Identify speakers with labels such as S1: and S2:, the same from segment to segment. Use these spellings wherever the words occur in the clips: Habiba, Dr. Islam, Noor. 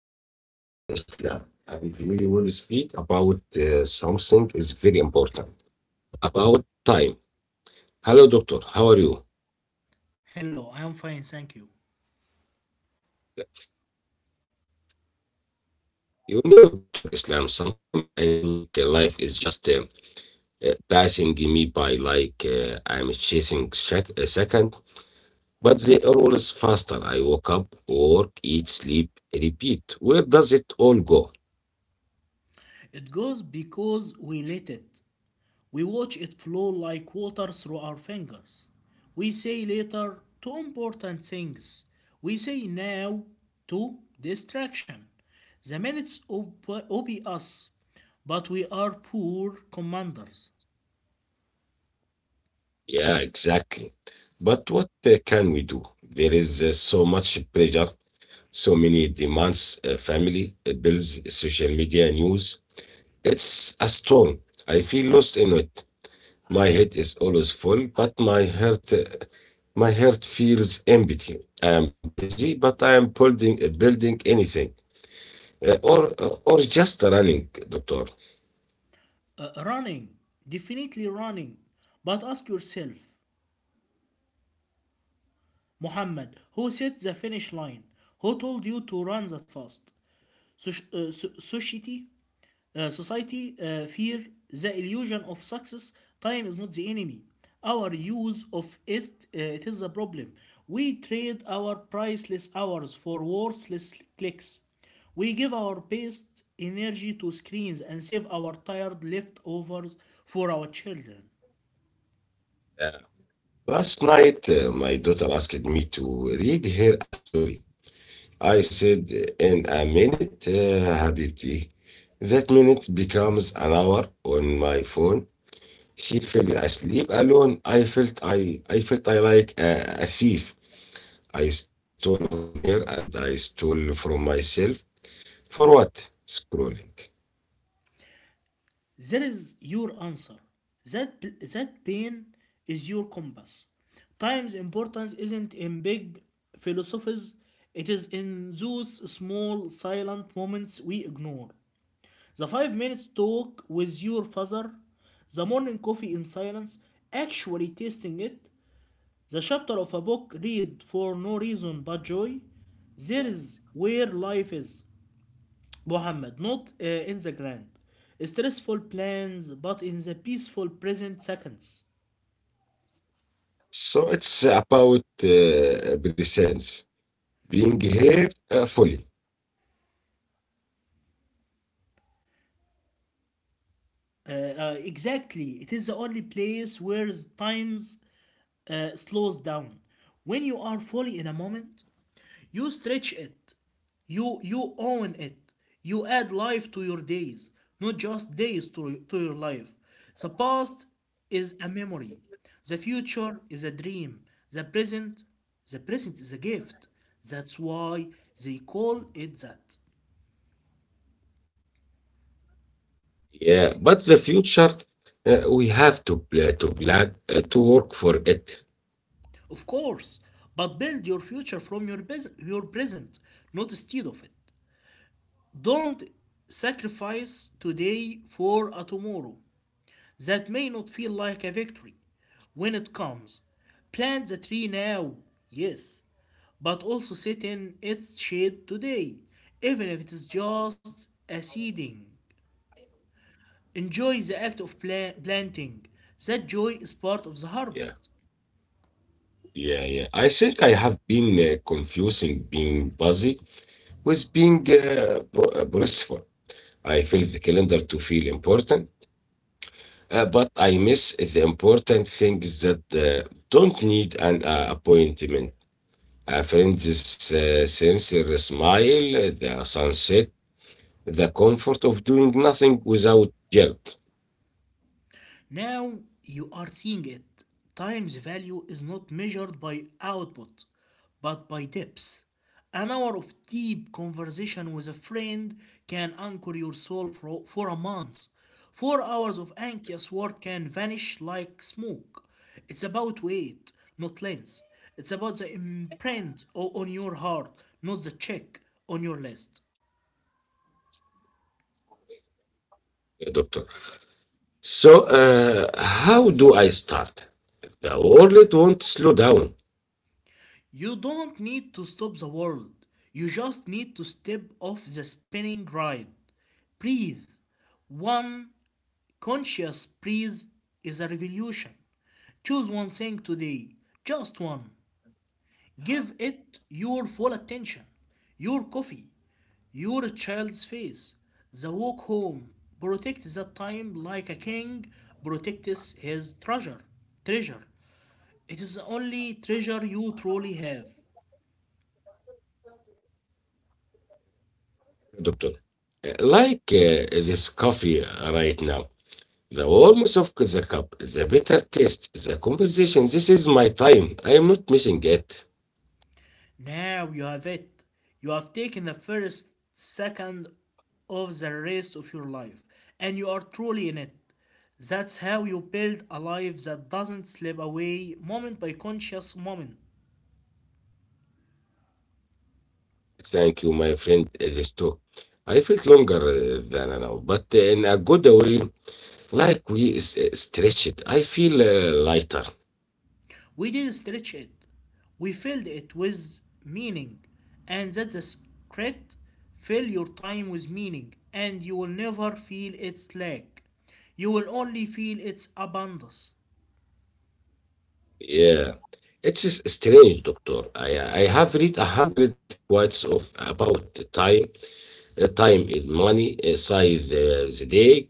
S1: me Dr. Islam and we will speak about something is very important about time. Hello doctor, how are you?
S2: Hello, I am fine, thank you.
S1: You know Dr. Islam, sometimes I feel like life is just passing me by like I'm chasing a second, but they are always faster. I wake up, work, eat, sleep, repeat. Where does it all go?
S2: It goes because we let it. We watch it flow like water through our fingers. We say later to important things. We say now to distraction. The obey us, but we are poor commanders.
S1: Yeah, exactly. But what can we do? There is so much pressure, so many demands, family, bills, social media, news. It's a storm. I feel lost in it. My head is always full, but my heart feels empty. I am busy, but I am building anything, or just running, doctor.
S2: Running, definitely running. But ask yourself, Muhammad, who set the finish line? Who told you to run that fast? Society? Society, fear, the illusion of success, time is not the enemy. Our use of it, it is a problem. We trade our priceless hours for worthless clicks. We give our best energy to screens and save our tired leftovers for our children.
S1: Uh, Last night, my daughter asked me to read her a story. I said, in a minute, Habibti. That minute becomes an hour on my phone. She fell asleep alone. I felt I like a thief. I stole from her and I stole from myself. For what? Scrolling.
S2: That is your answer. That pain is your compass. Time's importance isn't in big philosophies, it is in those small silent moments we ignore. The 5 minutes talk with your father, the morning coffee in silence, actually tasting it, the chapter of a book read for no reason but joy. There is where life is. Muhammad, not in the grand, stressful plans, but in the peaceful present seconds.
S1: So it's about presence, being here fully.
S2: Exactly, it is the only place where times slows down. When you are fully in a moment, you stretch it. You own it. You add life to your days, not just to your life. The past is a memory. The future is a dream. The present the present is a gift. That's why they call it that.
S1: Yeah, but the future, we have to plan to work for it.
S2: Of course, but build your future from your your present, not instead of it. Don't sacrifice today for a tomorrow that may not feel like a victory when it comes. Plant the tree now, yes, but also sit in its shade today, even if it is just a seeding. Enjoy the act of planting. That joy is part of the
S1: Yeah.
S2: harvest.
S1: Yeah, yeah. I think I have been confusing being busy with being boastful. I fill the calendar to feel important, but I miss the important things that don't need an appointment. A friend's sincere smile, the sunset, the comfort of doing nothing without guilt,
S2: Now you are seeing it. Time's value is not measured by output, but by depth. An hour of deep conversation with a friend can anchor your soul for a month. 4 hours of anxious work can vanish like smoke. It's about weight, not length. It's about the imprint on your heart, not the check on your list.
S1: doctor. So, how do I start? The world won't slow down.
S2: You don't need to stop the world. You just need to step off the spinning ride. Breathe. One conscious breath is a revolution. Choose one thing today, just one. Give it your full attention. Your coffee, your child's face, the walk home. Protect that time like a king protects his treasure. Treasure. It is the only treasure you truly have.
S1: Doctor, like this coffee right now, the warmth of the cup, the bitter taste, the conversation. This is my time. I am not missing it.
S2: Now you have it. You have taken the first second of the rest of your life, and you are truly in it. That's how you build a life that doesn't slip away moment by conscious moment.
S1: Thank you, my friend. This talk. I felt longer than now, but in a good way, like we stretched. I feel lighter.
S2: We didn't stretch it, we filled it with meaning, and that's a secret. Fill your time with meaning, and you will never feel its lack. You will only feel its abundance.
S1: Yeah. It is strange, doctor. I have read 100 quotes of about time, time is money, size the day,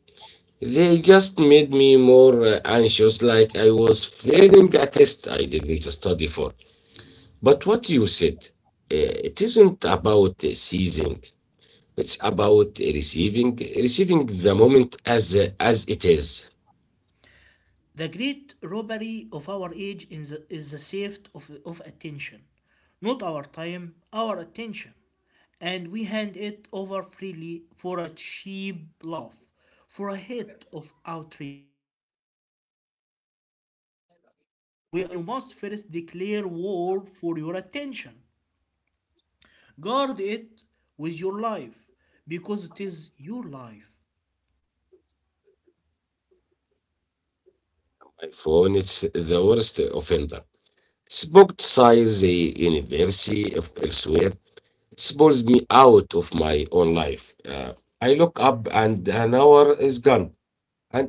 S1: they just made me more anxious, like I was failing a test I didn't study for. But what you said, it isn't about seizing, it's about receiving, receiving the moment as it is.
S2: The great robbery of our age is is the theft of attention, not our time, our attention. And we hand it over freely for a cheap laugh, for a hit of outrage. We are the willing victims. To reclaim your time, you must first declare war for your attention. Guard it with your life, because it is your life.
S1: My phone, it's the worst offender. It's size a university of elsewhere. Spools me out of my own life. I look up and an hour is gone,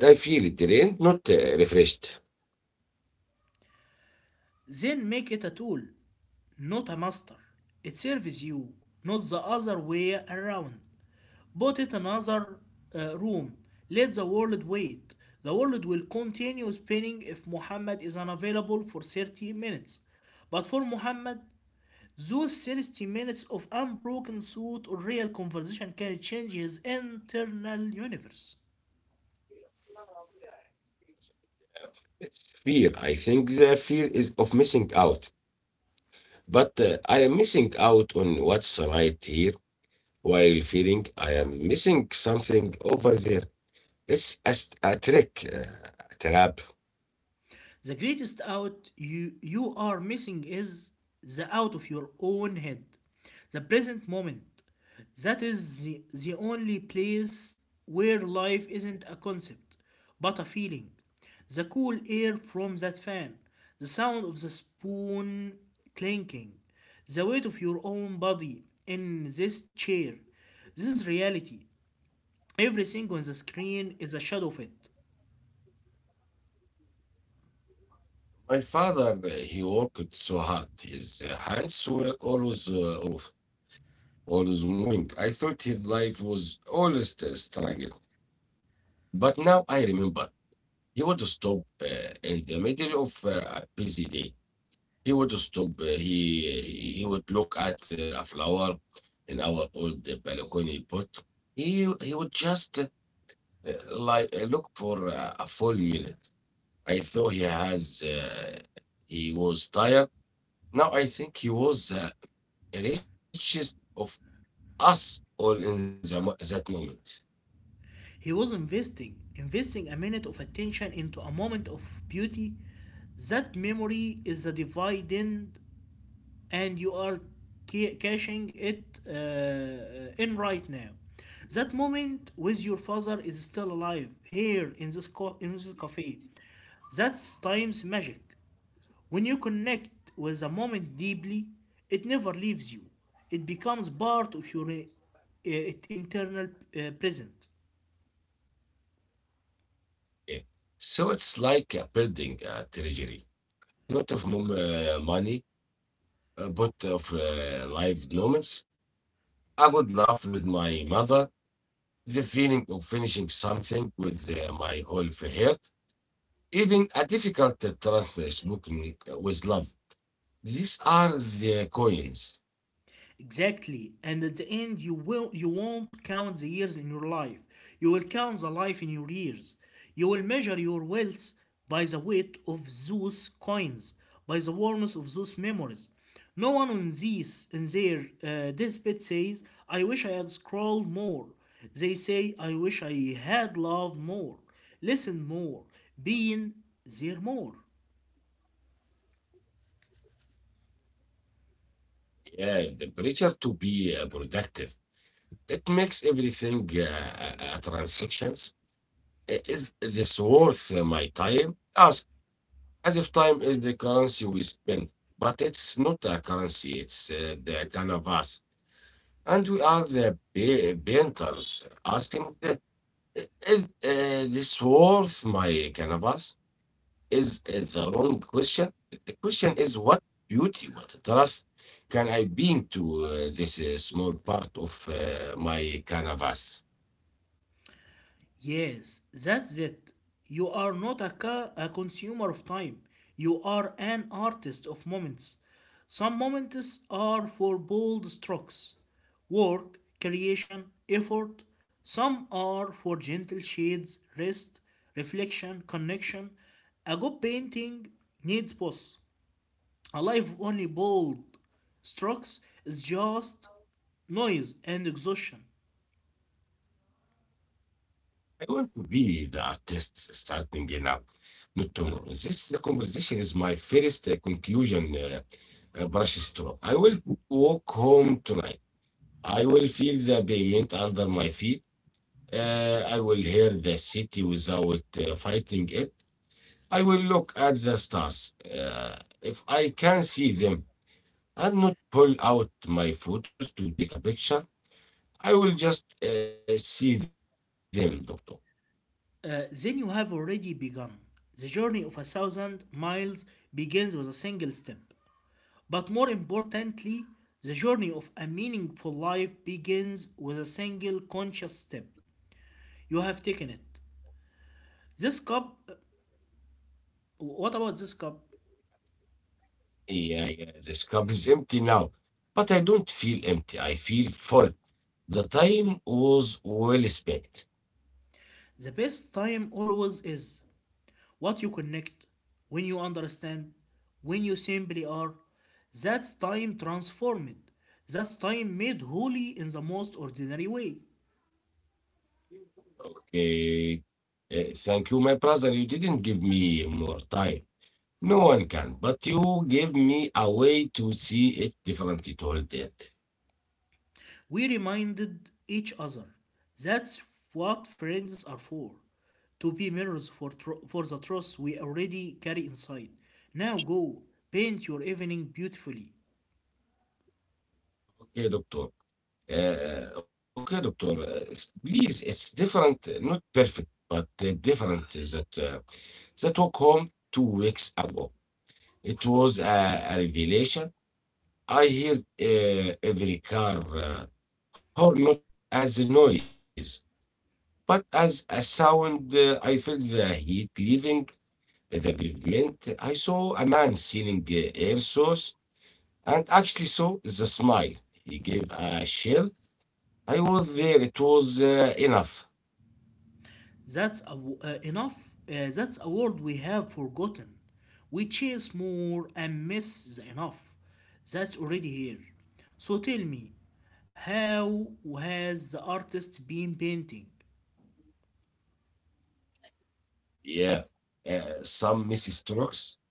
S1: and I feel drained, not refreshed.
S2: Then make it a tool not a master. It serves you, not the other way around. Put it another room. Let the world wait. The world will continue spinning if Muhammad is unavailable for 30 minutes. But for Muhammad, those 30 minutes of unbroken thought or real conversation can change his internal universe.
S1: It's fear. I think the fear is of missing out. But I am missing out on what's right here while feeling I am missing something over there. It's a trick, a trap.
S2: The greatest out you are missing is the out of your own head, the present moment. That is the only place where life isn't a concept, but a feeling. The cool air from that fan, the sound of the spoon clinking, the weight of your own body in this chair. This is reality. Everything on the screen is a shadow of it.
S1: My father, he worked so hard. His hands were always off, always moving. I thought his life was always a struggle. But now I remember he would stop in the middle of a busy day. He would stop. He would look at a flower in our old balcony pot. He would just look for a full minute. I thought he has He was tired. Now I think he was the richest of us all in that moment.
S2: He was investing a minute of attention into a moment of beauty. That memory is a dividend, and you are cashing it in right now. That moment with your father is still alive here in this cafe. That's time's magic. When you connect with a moment deeply, it never leaves you. It becomes part of your internal present.
S1: Yeah. So it's like building a treasury, not of money, but of live moments. I would laugh with my mother, the feeling of finishing something with my whole heart, even a difficult truth spoken with love. These are the coins.
S2: Exactly. And at the end, you won't count the years in your life. You will count the life in your years. You will measure your wealth by the weight of those coins, by the warmth of those memories. No one in these in their despite says, "I wish I had scrolled more." They say, "I wish I had loved more, listened more, been there more."
S1: Yeah, the pressure to be productive. It makes everything a transactions. I- is this worth my time? Ask as if time is the currency we spend, but it's not a currency. It's the canvas, and we are the painters asking the is this worth my canvas? Is the wrong question. The question is what beauty, what depth can I bring to this small part of my canvas?
S2: Yes, that's it. You are not a consumer of time. You are an artist of moments. Some moments are for bold strokes, work, creation, effort. Some are for gentle shades, rest, reflection, connection. A good painting needs pause. A life only bold strokes is just noise and exhaustion.
S1: I want to be the artist starting now, not tomorrow. This conversation is my first conclusion brush stroke. I will walk home tonight. I will feel the pavement under my feet. I will hear the city without fighting it. I will look at the stars. If I can see them and not pull out my photos to take a picture, I will just see them, doctor.
S2: Then you have already begun. The journey of a thousand miles begins with a single step. But more importantly, the journey of a meaningful life begins with a single conscious step. You have taken it. This cup, what about this cup?
S1: Yeah, yeah, this cup is empty now, but I don't feel empty. I feel full. The time was well spent.
S2: The best time always is what you connect, when you understand, when you simply are. That's time transformed. That's time made holy in the most ordinary way.
S1: Okay. Thank you, my brother. You didn't give me more time. No one can, but you give me a way to see it differently, to hold it.
S2: We reminded each other that's what friends are for to be mirrors for the truth we already carry inside. Now go, paint your evening beautifully.
S1: Okay, doctor. Please, it's different, not perfect, but different. Is that that walk home 2 weeks ago. It was a revelation. I hear every car horn not as a noise, but as a sound. I felt the heat leaving at the pavement, I saw a man selling air sauce and actually saw the smile. He gave a shell. I was there. It was enough.
S2: That's enough. That's a word we have forgotten. We chase more and miss the enough. That's already here. So tell me, how has the artist been painting?
S1: Yeah. Some misstrokes.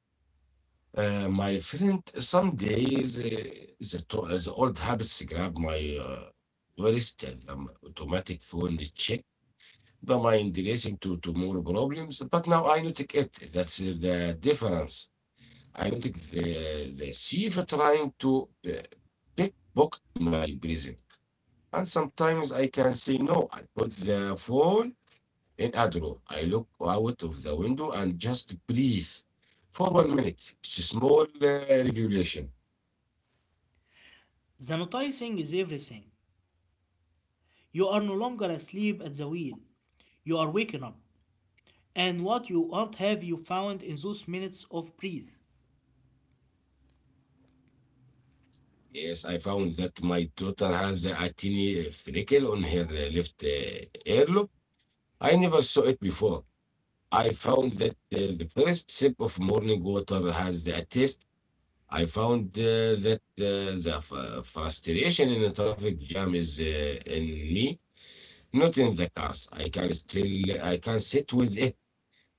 S1: My friend, some days the old habits grab my worst automatic phone check, the mind racing to tomorrow problems, but now I notice it. That's the difference. I think the chief trying to pickpocket my present. And sometimes I can say no. I put the phone in a drawer. I look out of the window and just breathe for 1 minute. It's a small regulation.
S2: The noticing is everything. You are no longer asleep at the wheel. You are waking up, and what you want have you found in those minutes of breath?
S1: Yes, I found that my daughter has a tiny freckle on her left earlobe. I never saw it before. I found that the first sip of morning water has a taste. I found that the frustration in the traffic jam is in me, not in the cars. I can sit with it,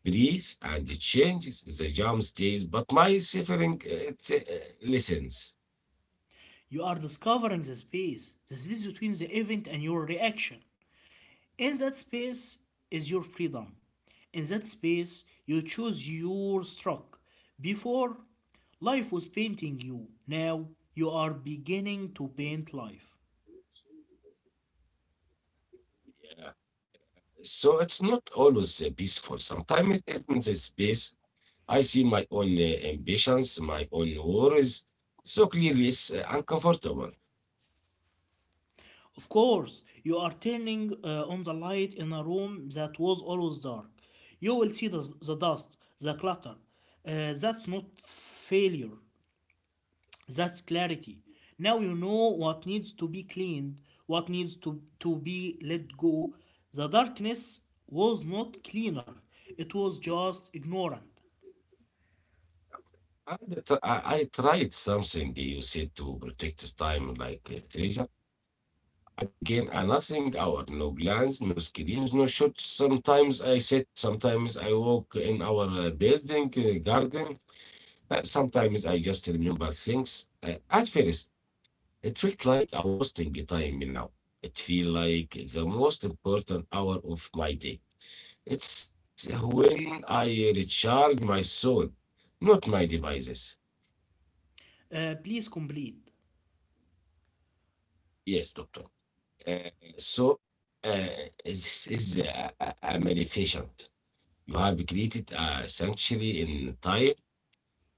S1: breathe, and it changes. The jam stays, but my suffering it listens.
S2: You are discovering the space between the event and your reaction. In that space is your freedom. In that space, you choose your stroke. Before, life was painting you. Now, you are beginning to paint life.
S1: Yeah. So it's not always peaceful. Sometimes it ends the space. I see my own ambitions, my own worries. So clearly, it's uncomfortable.
S2: Of course, you are turning on the light in a room that was always dark. You will see the dust, the clutter. That's not failure, that's clarity. Now you know what needs to be cleaned, what needs to be let go. The darkness was not cleaner, it was just ignorant.
S1: I tried something you said, to protect the time like treasure. I began a nothing hour, no plans, no screens, no shots. Sometimes I sit, sometimes I walk in our building, garden. Sometimes I just remember things. At first, it felt like a wasting time. Now it feel like the most important hour of my day. It's when I recharge my soul, not my devices.
S2: Please complete.
S1: Yes, doctor. Uh, so uh, this is a manifestation. You have created a sanctuary in time,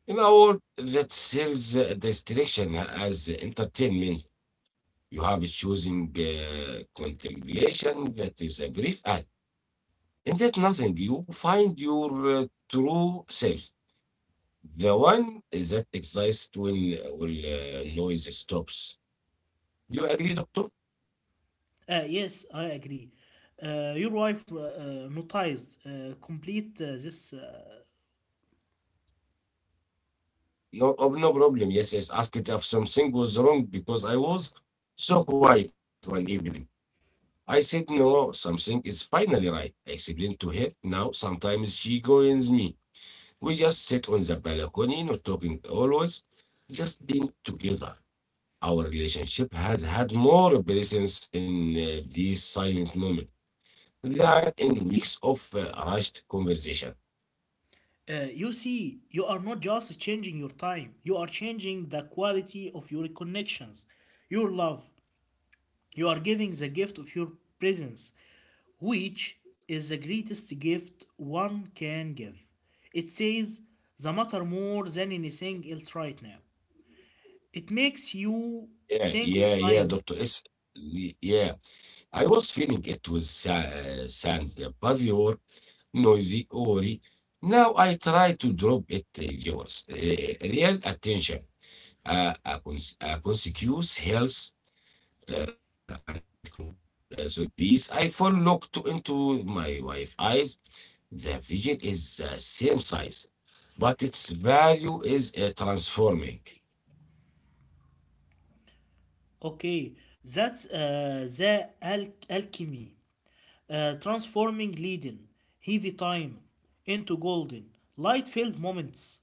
S1: in a world that sells distraction as entertainment. You have chosen contemplation that is a brief act. In that nothing, you find your true self, the one that exists when noise stops. Do you agree, doctor?
S2: Yes, I agree. Your wife noticed. Complete this.
S1: No, oh, no problem. Yes, yes. Asked if something was wrong because I was so quiet one evening. I said, no, something is finally right. I explained to her. Now, sometimes she joins me. We just sit on the balcony, not talking always, just being together. Our relationship had more presence in these silent moments than in weeks of rushed conversation.
S2: You see, you are not just changing your time, you are changing the quality of your connections, your love. You are giving the gift of your presence, which is the greatest gift one can give. It says the matter more than anything else right now. It makes you
S1: Yeah,
S2: think of
S1: yeah, yeah,
S2: time.
S1: Dr. S. Yeah, I was feeling it was sand, paviour, noisy, worry. Now I try to drop it, yours. Real attention, a consecutive health, sorry, please. I fall looked into my wife's eyes. The vision is the same size, but its value is transforming.
S2: Okay, that's the alchemy. Transforming leaden, heavy time into golden, light filled moments.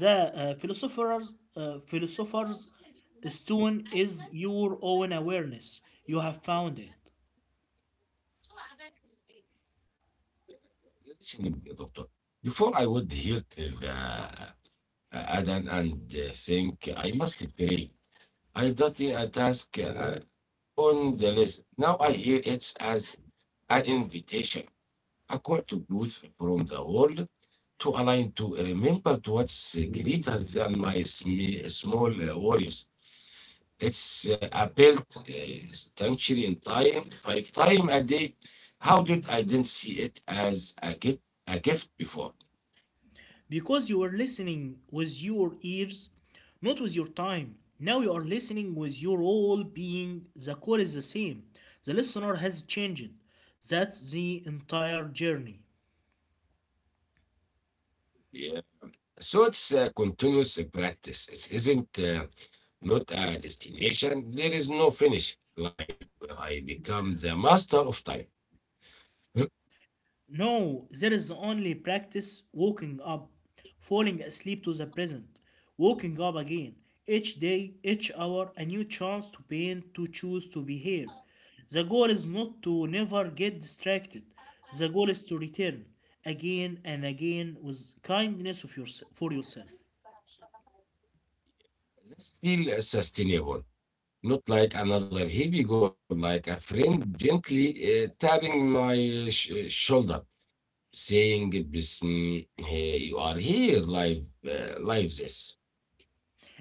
S2: The philosopher's stone is your own awareness. You have found it.
S1: Listening, doctor. Before I would hear till the Adan and think I must pray. I thought a task on the list. Now I hear it as an invitation, a call to growth from the world to align to remember to what's greater than my small worries. It's a built sanctuary in time, 5 time a day. How did I didn't see it as a gift before?
S2: Because you were listening with your ears, not with your time. Now you are listening with your whole being. The core is the same. The listener has changed. That's the entire journey.
S1: Yeah. So it's a continuous practice. It isn't not a destination. There is no finish line where I become the master of time.
S2: No, there is only practice waking up, falling asleep to the present, waking up again. Each day, each hour, a new chance to paint, to choose, to be here. The goal is not to never get distracted. The goal is to return again and again with kindness of yours for yourself.
S1: This feel sustainable, not like another heavy goal, like a friend gently tapping my shoulder, saying, "Bism, hey, you are here, live, live this."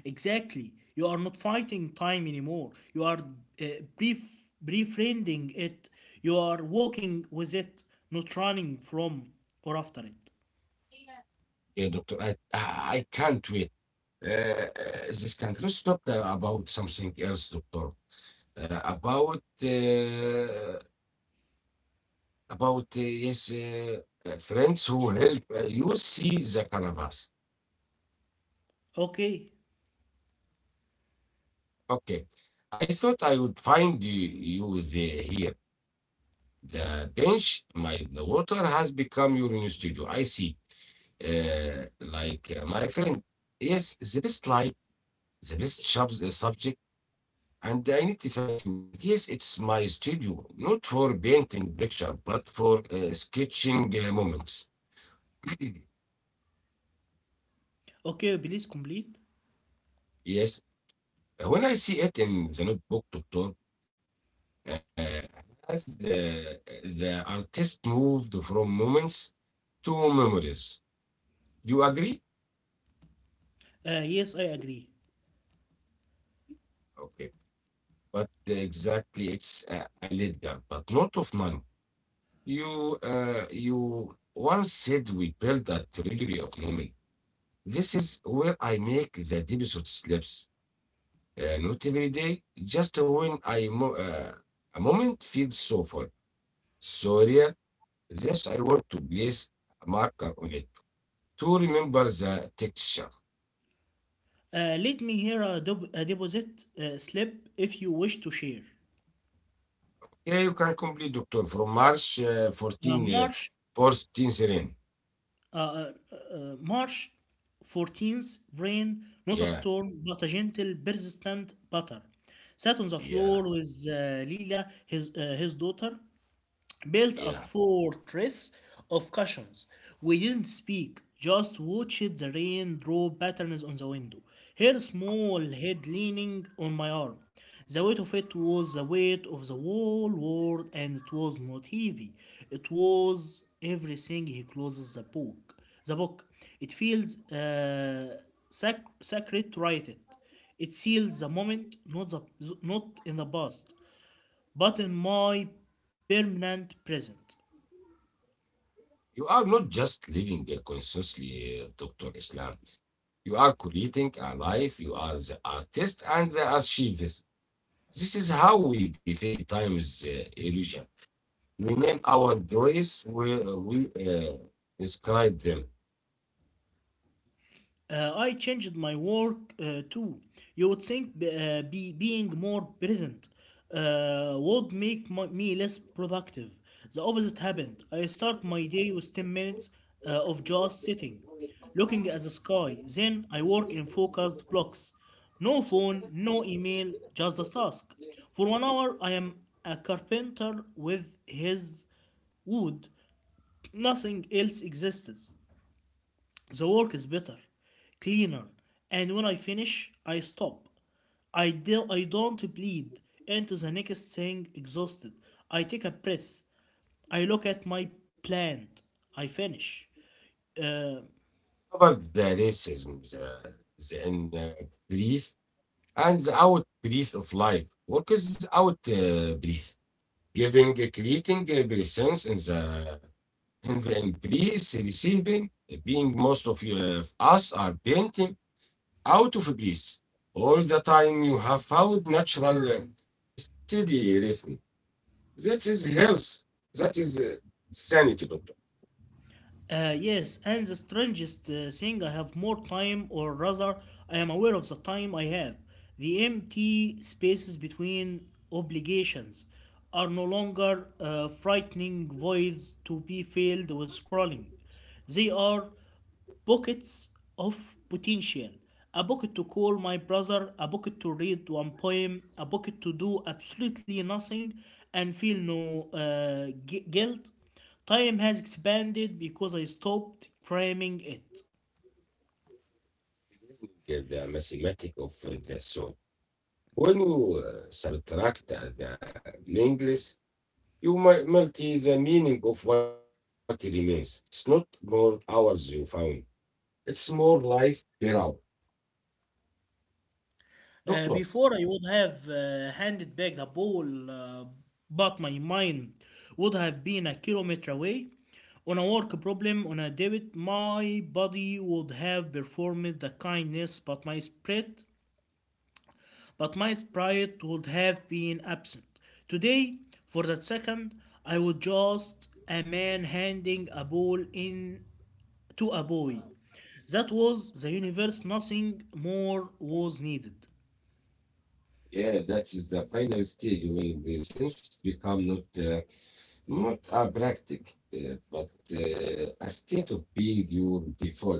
S2: Exactly. You are not fighting time anymore. You are uh, befriending it. You are walking with it, not running from or after it.
S1: Yeah, doctor, I can't wait. Uh, this can Let's talk about something else, doctor. Uh, about uh, about uh, yes, uh, Friends who help you see the canvas.
S2: Okay.
S1: Okay, I thought I would find you there here. The bench, my the water has become your new studio. I see. Like my friend, yes, the best light, the best subject. And I need to thank you. And yes, it's my studio, not for painting picture, but for sketching moments.
S2: Okay, please complete.
S1: Yes, when I see it in the notebook, doctor, uh, as the artist moved from moments to memories. Do you agree?
S2: Yes, I agree.
S1: Okay, but exactly, it's a ledger, but not of money. You once said we build a treasury of memory. This is where I make the deposit slips. Not every day, just when a moment feels so full. So real, this I want to place a marker on it to remember the texture.
S2: Let me hear a, a deposit slip if you wish to share.
S1: Yeah, you can complete, doctor, from March
S2: Uh,
S1: 14,
S2: March
S1: 14 serene.
S2: uh, uh, March 14th, rain, not a
S1: Yeah,
S2: storm, but a gentle, persistent patter. Sat on the
S1: yeah,
S2: floor with Lila, his daughter built a
S1: yeah.
S2: fortress of cushions. We didn't speak, just watched the rain draw patterns on the window, her small head leaning on my arm. The weight of it was the weight of the whole world, and it was not heavy. It was everything he closes the book. The book. It feels sacred to write it. It seals the moment, not in the past but in my permanent present.
S1: You are not just living consciously, Dr. Islam. You are creating a life. You are the artist and the archivist. This is how we defy time's illusion. We name our joys, we describe them.
S2: I changed my work too. You would think being more present would make me less productive. The opposite happened. I start my day with 10 minutes of just sitting, looking at the sky. Then I work in focused blocks. No phone, no email, just the task. For 1 hour, I am a carpenter with his wood. Nothing else exists. The work is better, cleaner, and when I finish, I stop. I don't bleed into the next thing exhausted. I take a breath. I look at my plant. I finish. Uh,
S1: Covered the racism, the grief, and the out breath of life. Work is out breath, giving, creating a presence in the embrace, receiving, being most of you, of us are painting out of place all the time you have found natural steady rhythm. That is health. That is sanity, doctor.
S2: Yes, and the strangest thing, I have more time, or rather, I am aware of the time I have. The empty spaces between obligations are no longer frightening voids to be filled with scrolling. They are pockets of potential, a pocket to call my brother, a pocket to read one poem, a pocket to do absolutely nothing and feel no guilt. Time has expanded because I stopped cramming it.
S1: Learning, the mathematic of the soul. When you subtract the meaningless, you multi the meaning of what remains. It's not more hours you found. It's more life per hour. Doctor,
S2: Before I would have handed back the ball, but my mind would have been a kilometer away. On a work problem, on a debit, my body would have performed the kindness, but my spirit but my sprite would have been absent. Today, for that second, I was just a man handing a ball in to a boy. That was the universe, nothing more was needed.
S1: yeah, that is the final stage when the sense become not a practice, uh, but a state of being your default.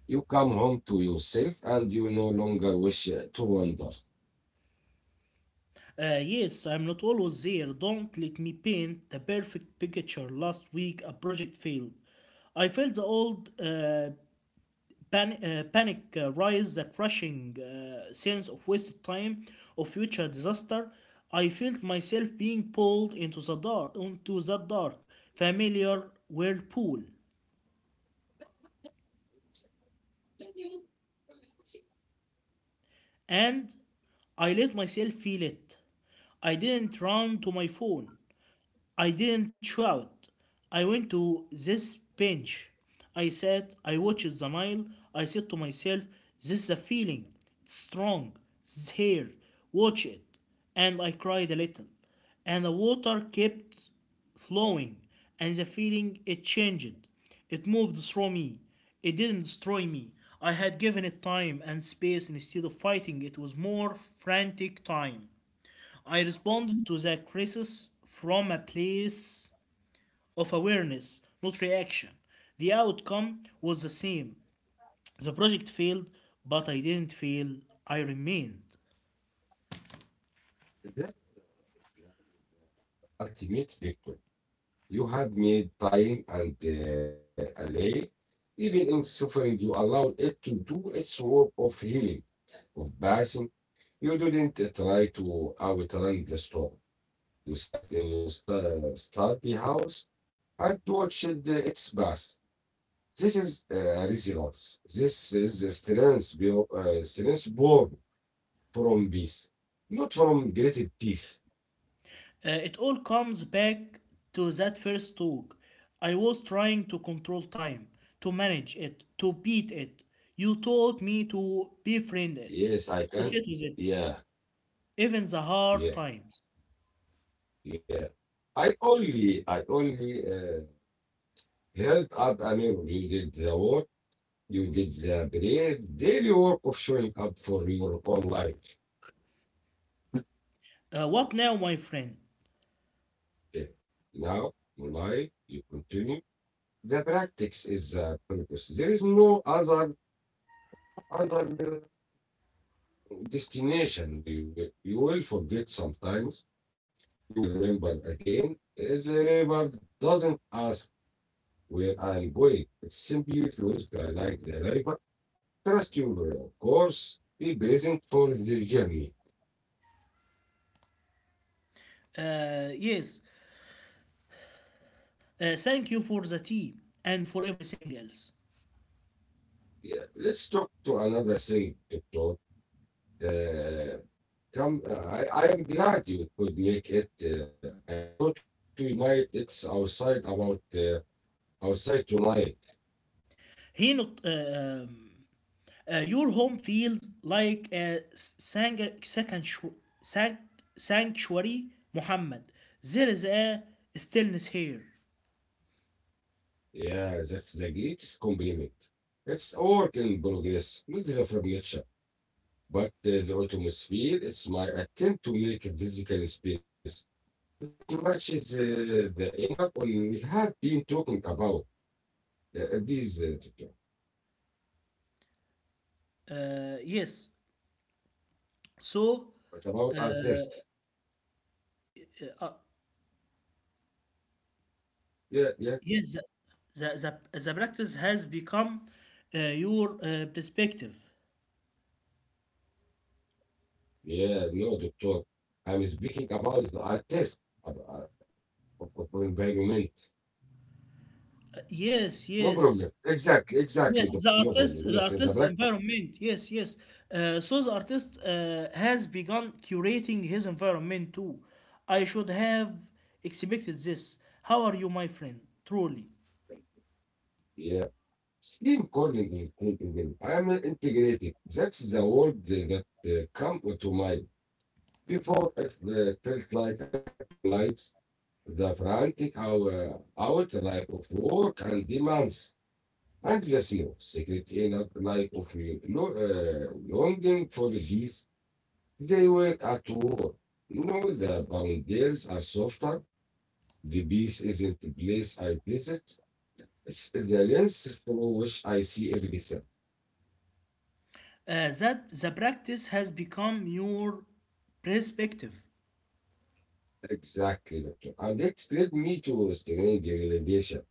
S1: You come home to yourself and you no longer wish to wander.
S2: Yes, I'm not always there. Don't let me paint the perfect picture. Last week, a project failed. I felt the old panic rise, the crushing sense of wasted time, of future disaster. I felt myself being pulled into the dark, familiar whirlpool, and I let myself feel it. I didn't run to my phone. I didn't shout. I went to this bench. I sat, I watched the Nile. I said to myself, this is a feeling. It's strong. It's here. Watch it. And I cried a little. And the water kept flowing. And the feeling, it changed. It moved through me. It didn't destroy me. I had given it time and space instead of fighting. It was more frantic time. I responded to the crisis from a place of awareness, not reaction. The outcome was the same. The project failed, but I didn't fail, I remained.
S1: That ultimate victory. You have made time and alley. Even in suffering, you allowed it to do its work of healing, of passing. You didn't try to outrun the storm. You sat in your study house and watched its bus. This is resilience. This is the strength, strength born from peace, not from gritted teeth.
S2: It all comes back to that first talk. I was trying to control time, to manage it, to beat it. You taught me to befriend it,
S1: Yes, I
S2: to
S1: can.
S2: sit with it,
S1: Yeah,
S2: even the hard
S1: yeah,
S2: times.
S1: yeah. I only held up a mirror. You did the work. You did the brave daily work of showing up for your own life.
S2: What now, my friend?
S1: Okay. Now, life, you continue. The practice is Olympus. There is no other destination. You will forget sometimes. You will remember again. The river doesn't ask where I'm going. It simply flows by like the river. Trust your course. Be present for the journey.
S2: Uh, yes, Thank you for the tea and for everything else.
S1: Yeah. Let's talk to another thing, Doctor. Uh, Come, I am glad you could make it. I thought we might it's outside about outside tonight.
S2: He not, um, your home feels like a sanctuary, Muhammad. There is a stillness here.
S1: Yeah, that's the greatest compliment. It's work in progress, not the from nature, but the atmosphere. It's my attempt to make a physical space that matches the inner one we have been talking about. These, doctor,
S2: Yes. So,
S1: what about artists?
S2: uh,
S1: Yeah, yeah,
S2: yes, the practice has become your perspective.
S1: yeah, no, doctor. I'm speaking about the artist, of environment. No
S2: Yes,
S1: problem.
S2: yes.
S1: Exactly, exactly, doctor.
S2: Yes,
S1: No problem. Yes,
S2: the
S1: exactly.
S2: artist environment. Yes, yes. So the artist has begun curating his environment too. I should have expected this. How are you, my friend? Truly,
S1: Stream calling is thinking. I'm integrating. That's the word that come to mind. Before I felt like I had two lives, the frantic hour, out life of work and demands, and the slow, secret inner life of longing for peace. They were at war. You know, the boundaries are softer. The peace isn't the place I visit. It's the lens through which I see everything.
S2: that the practice has become your perspective.
S1: Exactly, doctor. And that led me to strange realization.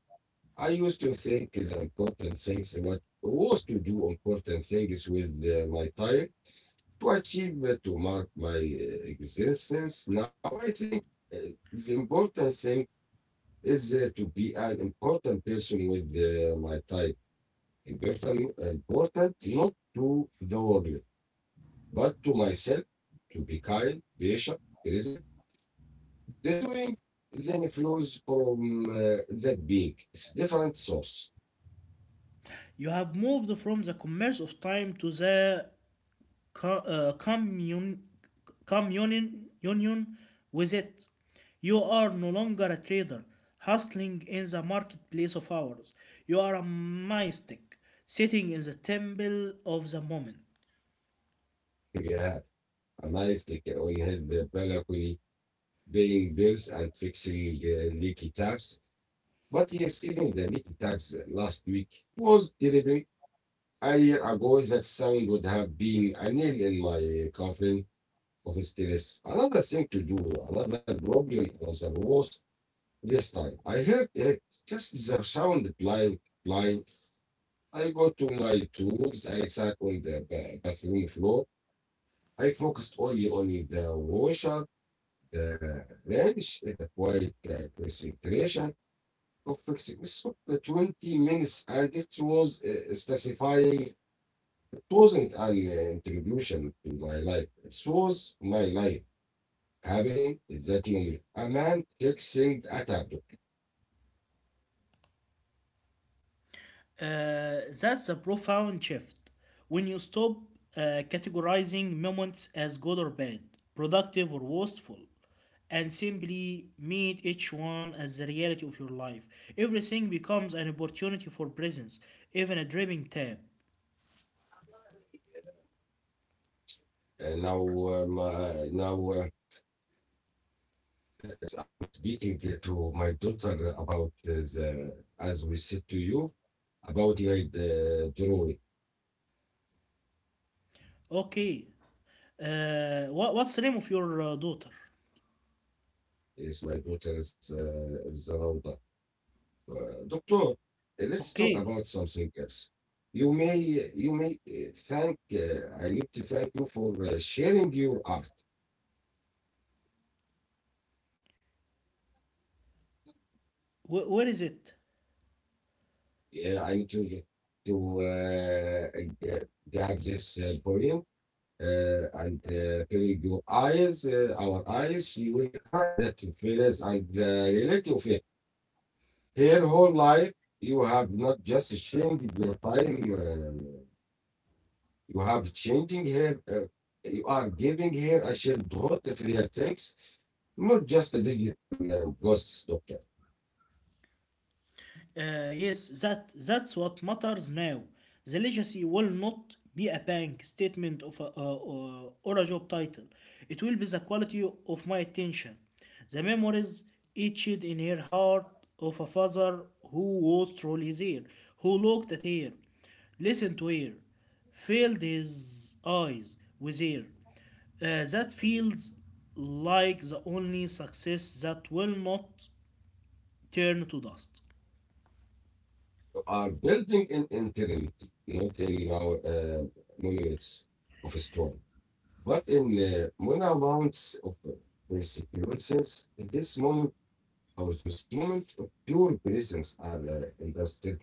S1: I used to think the important things what was to do important things with my time to achieve to mark my existence. Now I think uh, the important thing is to be an important person with my time. Important, important not to the world, but to myself, to be kind, patient, present. The doing then flows from that peak. It's different source.
S2: You have moved from the commerce of time to the co- uh, commun- communion union with it. You are no longer a trader hustling in the marketplace of hours. You are a mystic sitting in the temple of the moment.
S1: We have a we have the balcony paying bills and fixing leaky taps. But yes, even the leaky taps last week was terrible. A year ago, that sound would have been a nail in my coffin of stress. Another thing to do, another problem was worse this time. I heard it, just the sound blind. I go to my tools, I sat on the bathroom floor. I focused only on the washer, the wrench, and the quiet concentration of fixing. This took 20 minutes and it was satisfying. It wasn't an introduction to my life. It was my life happening at that moment. A man fixing a tablet.
S2: That's a profound shift. When you stop categorizing moments as good or bad, productive or wasteful, and simply meet each one as the reality of your life, everything becomes an opportunity for presence, even a dreaming tab.
S1: Now, now. Yes, I'm speaking to my daughter about as we said to you, about my drawing.
S2: Okay, what's the name of your daughter?
S1: Yes, my daughter is around. Doctor, let's talk about
S2: Okay.
S1: something else. You may I need to thank you for sharing your art.
S2: Where is it?
S1: Yeah, I need to uh, uh, get this point. Uh, and close your eyes, our eyes, she will cry that feelings and relate to it. Her whole life, you have not just changed your time, you have changing her, you are giving her a childhood of real things, not just a digital ghosts, doctor.
S2: Yes, that that's what matters now. The legacy will not be a bank statement of a, or a job title. It will be the quality of my attention, the memories etched in her heart of a father who was truly there, who looked at her, listened to her, filled his eyes with her. That feels like the only success that will not turn to dust.
S1: You are building an eternity, not in our monuments of stone. But in the monoamount of persecutions, this moment or this moment of pure presence are indestructible.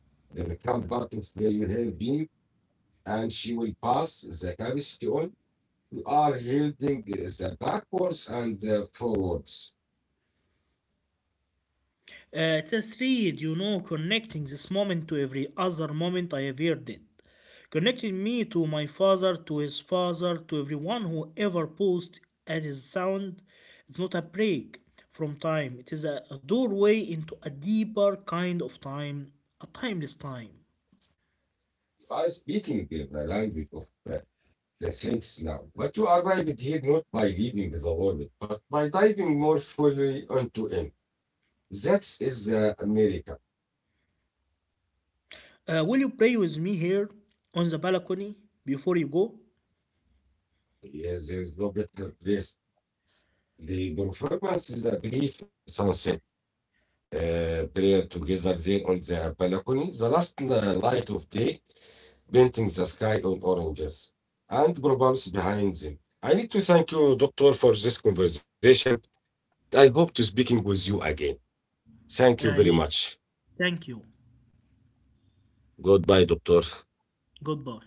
S1: They become part of where you have been, and she will pass the capacity on. You are holding the backwards and forwards.
S2: It's a thread, you know, connecting this moment to every other moment I have ever did. Connecting me to my father, to his father, to everyone who ever paused at his sound. It's not a break from time, it is a doorway into a deeper kind of time, a timeless time.
S1: You are speaking the language of uh, the saints now. But you arrived here not by leaving the world, but by diving more fully onto it. That is America.
S2: Will you pray with me here on the balcony before you go?
S1: Yes, there is no better place. The performance is a brief sunset, prayer together there on the balcony, the last light of day, painting the sky on oranges, and bubbles behind them. I need to thank you, Doctor, for this conversation, and I hope to speaking with you again. Thank you very
S2: Yes,
S1: much.
S2: thank you.
S1: Goodbye, Doctor.
S2: Goodbye.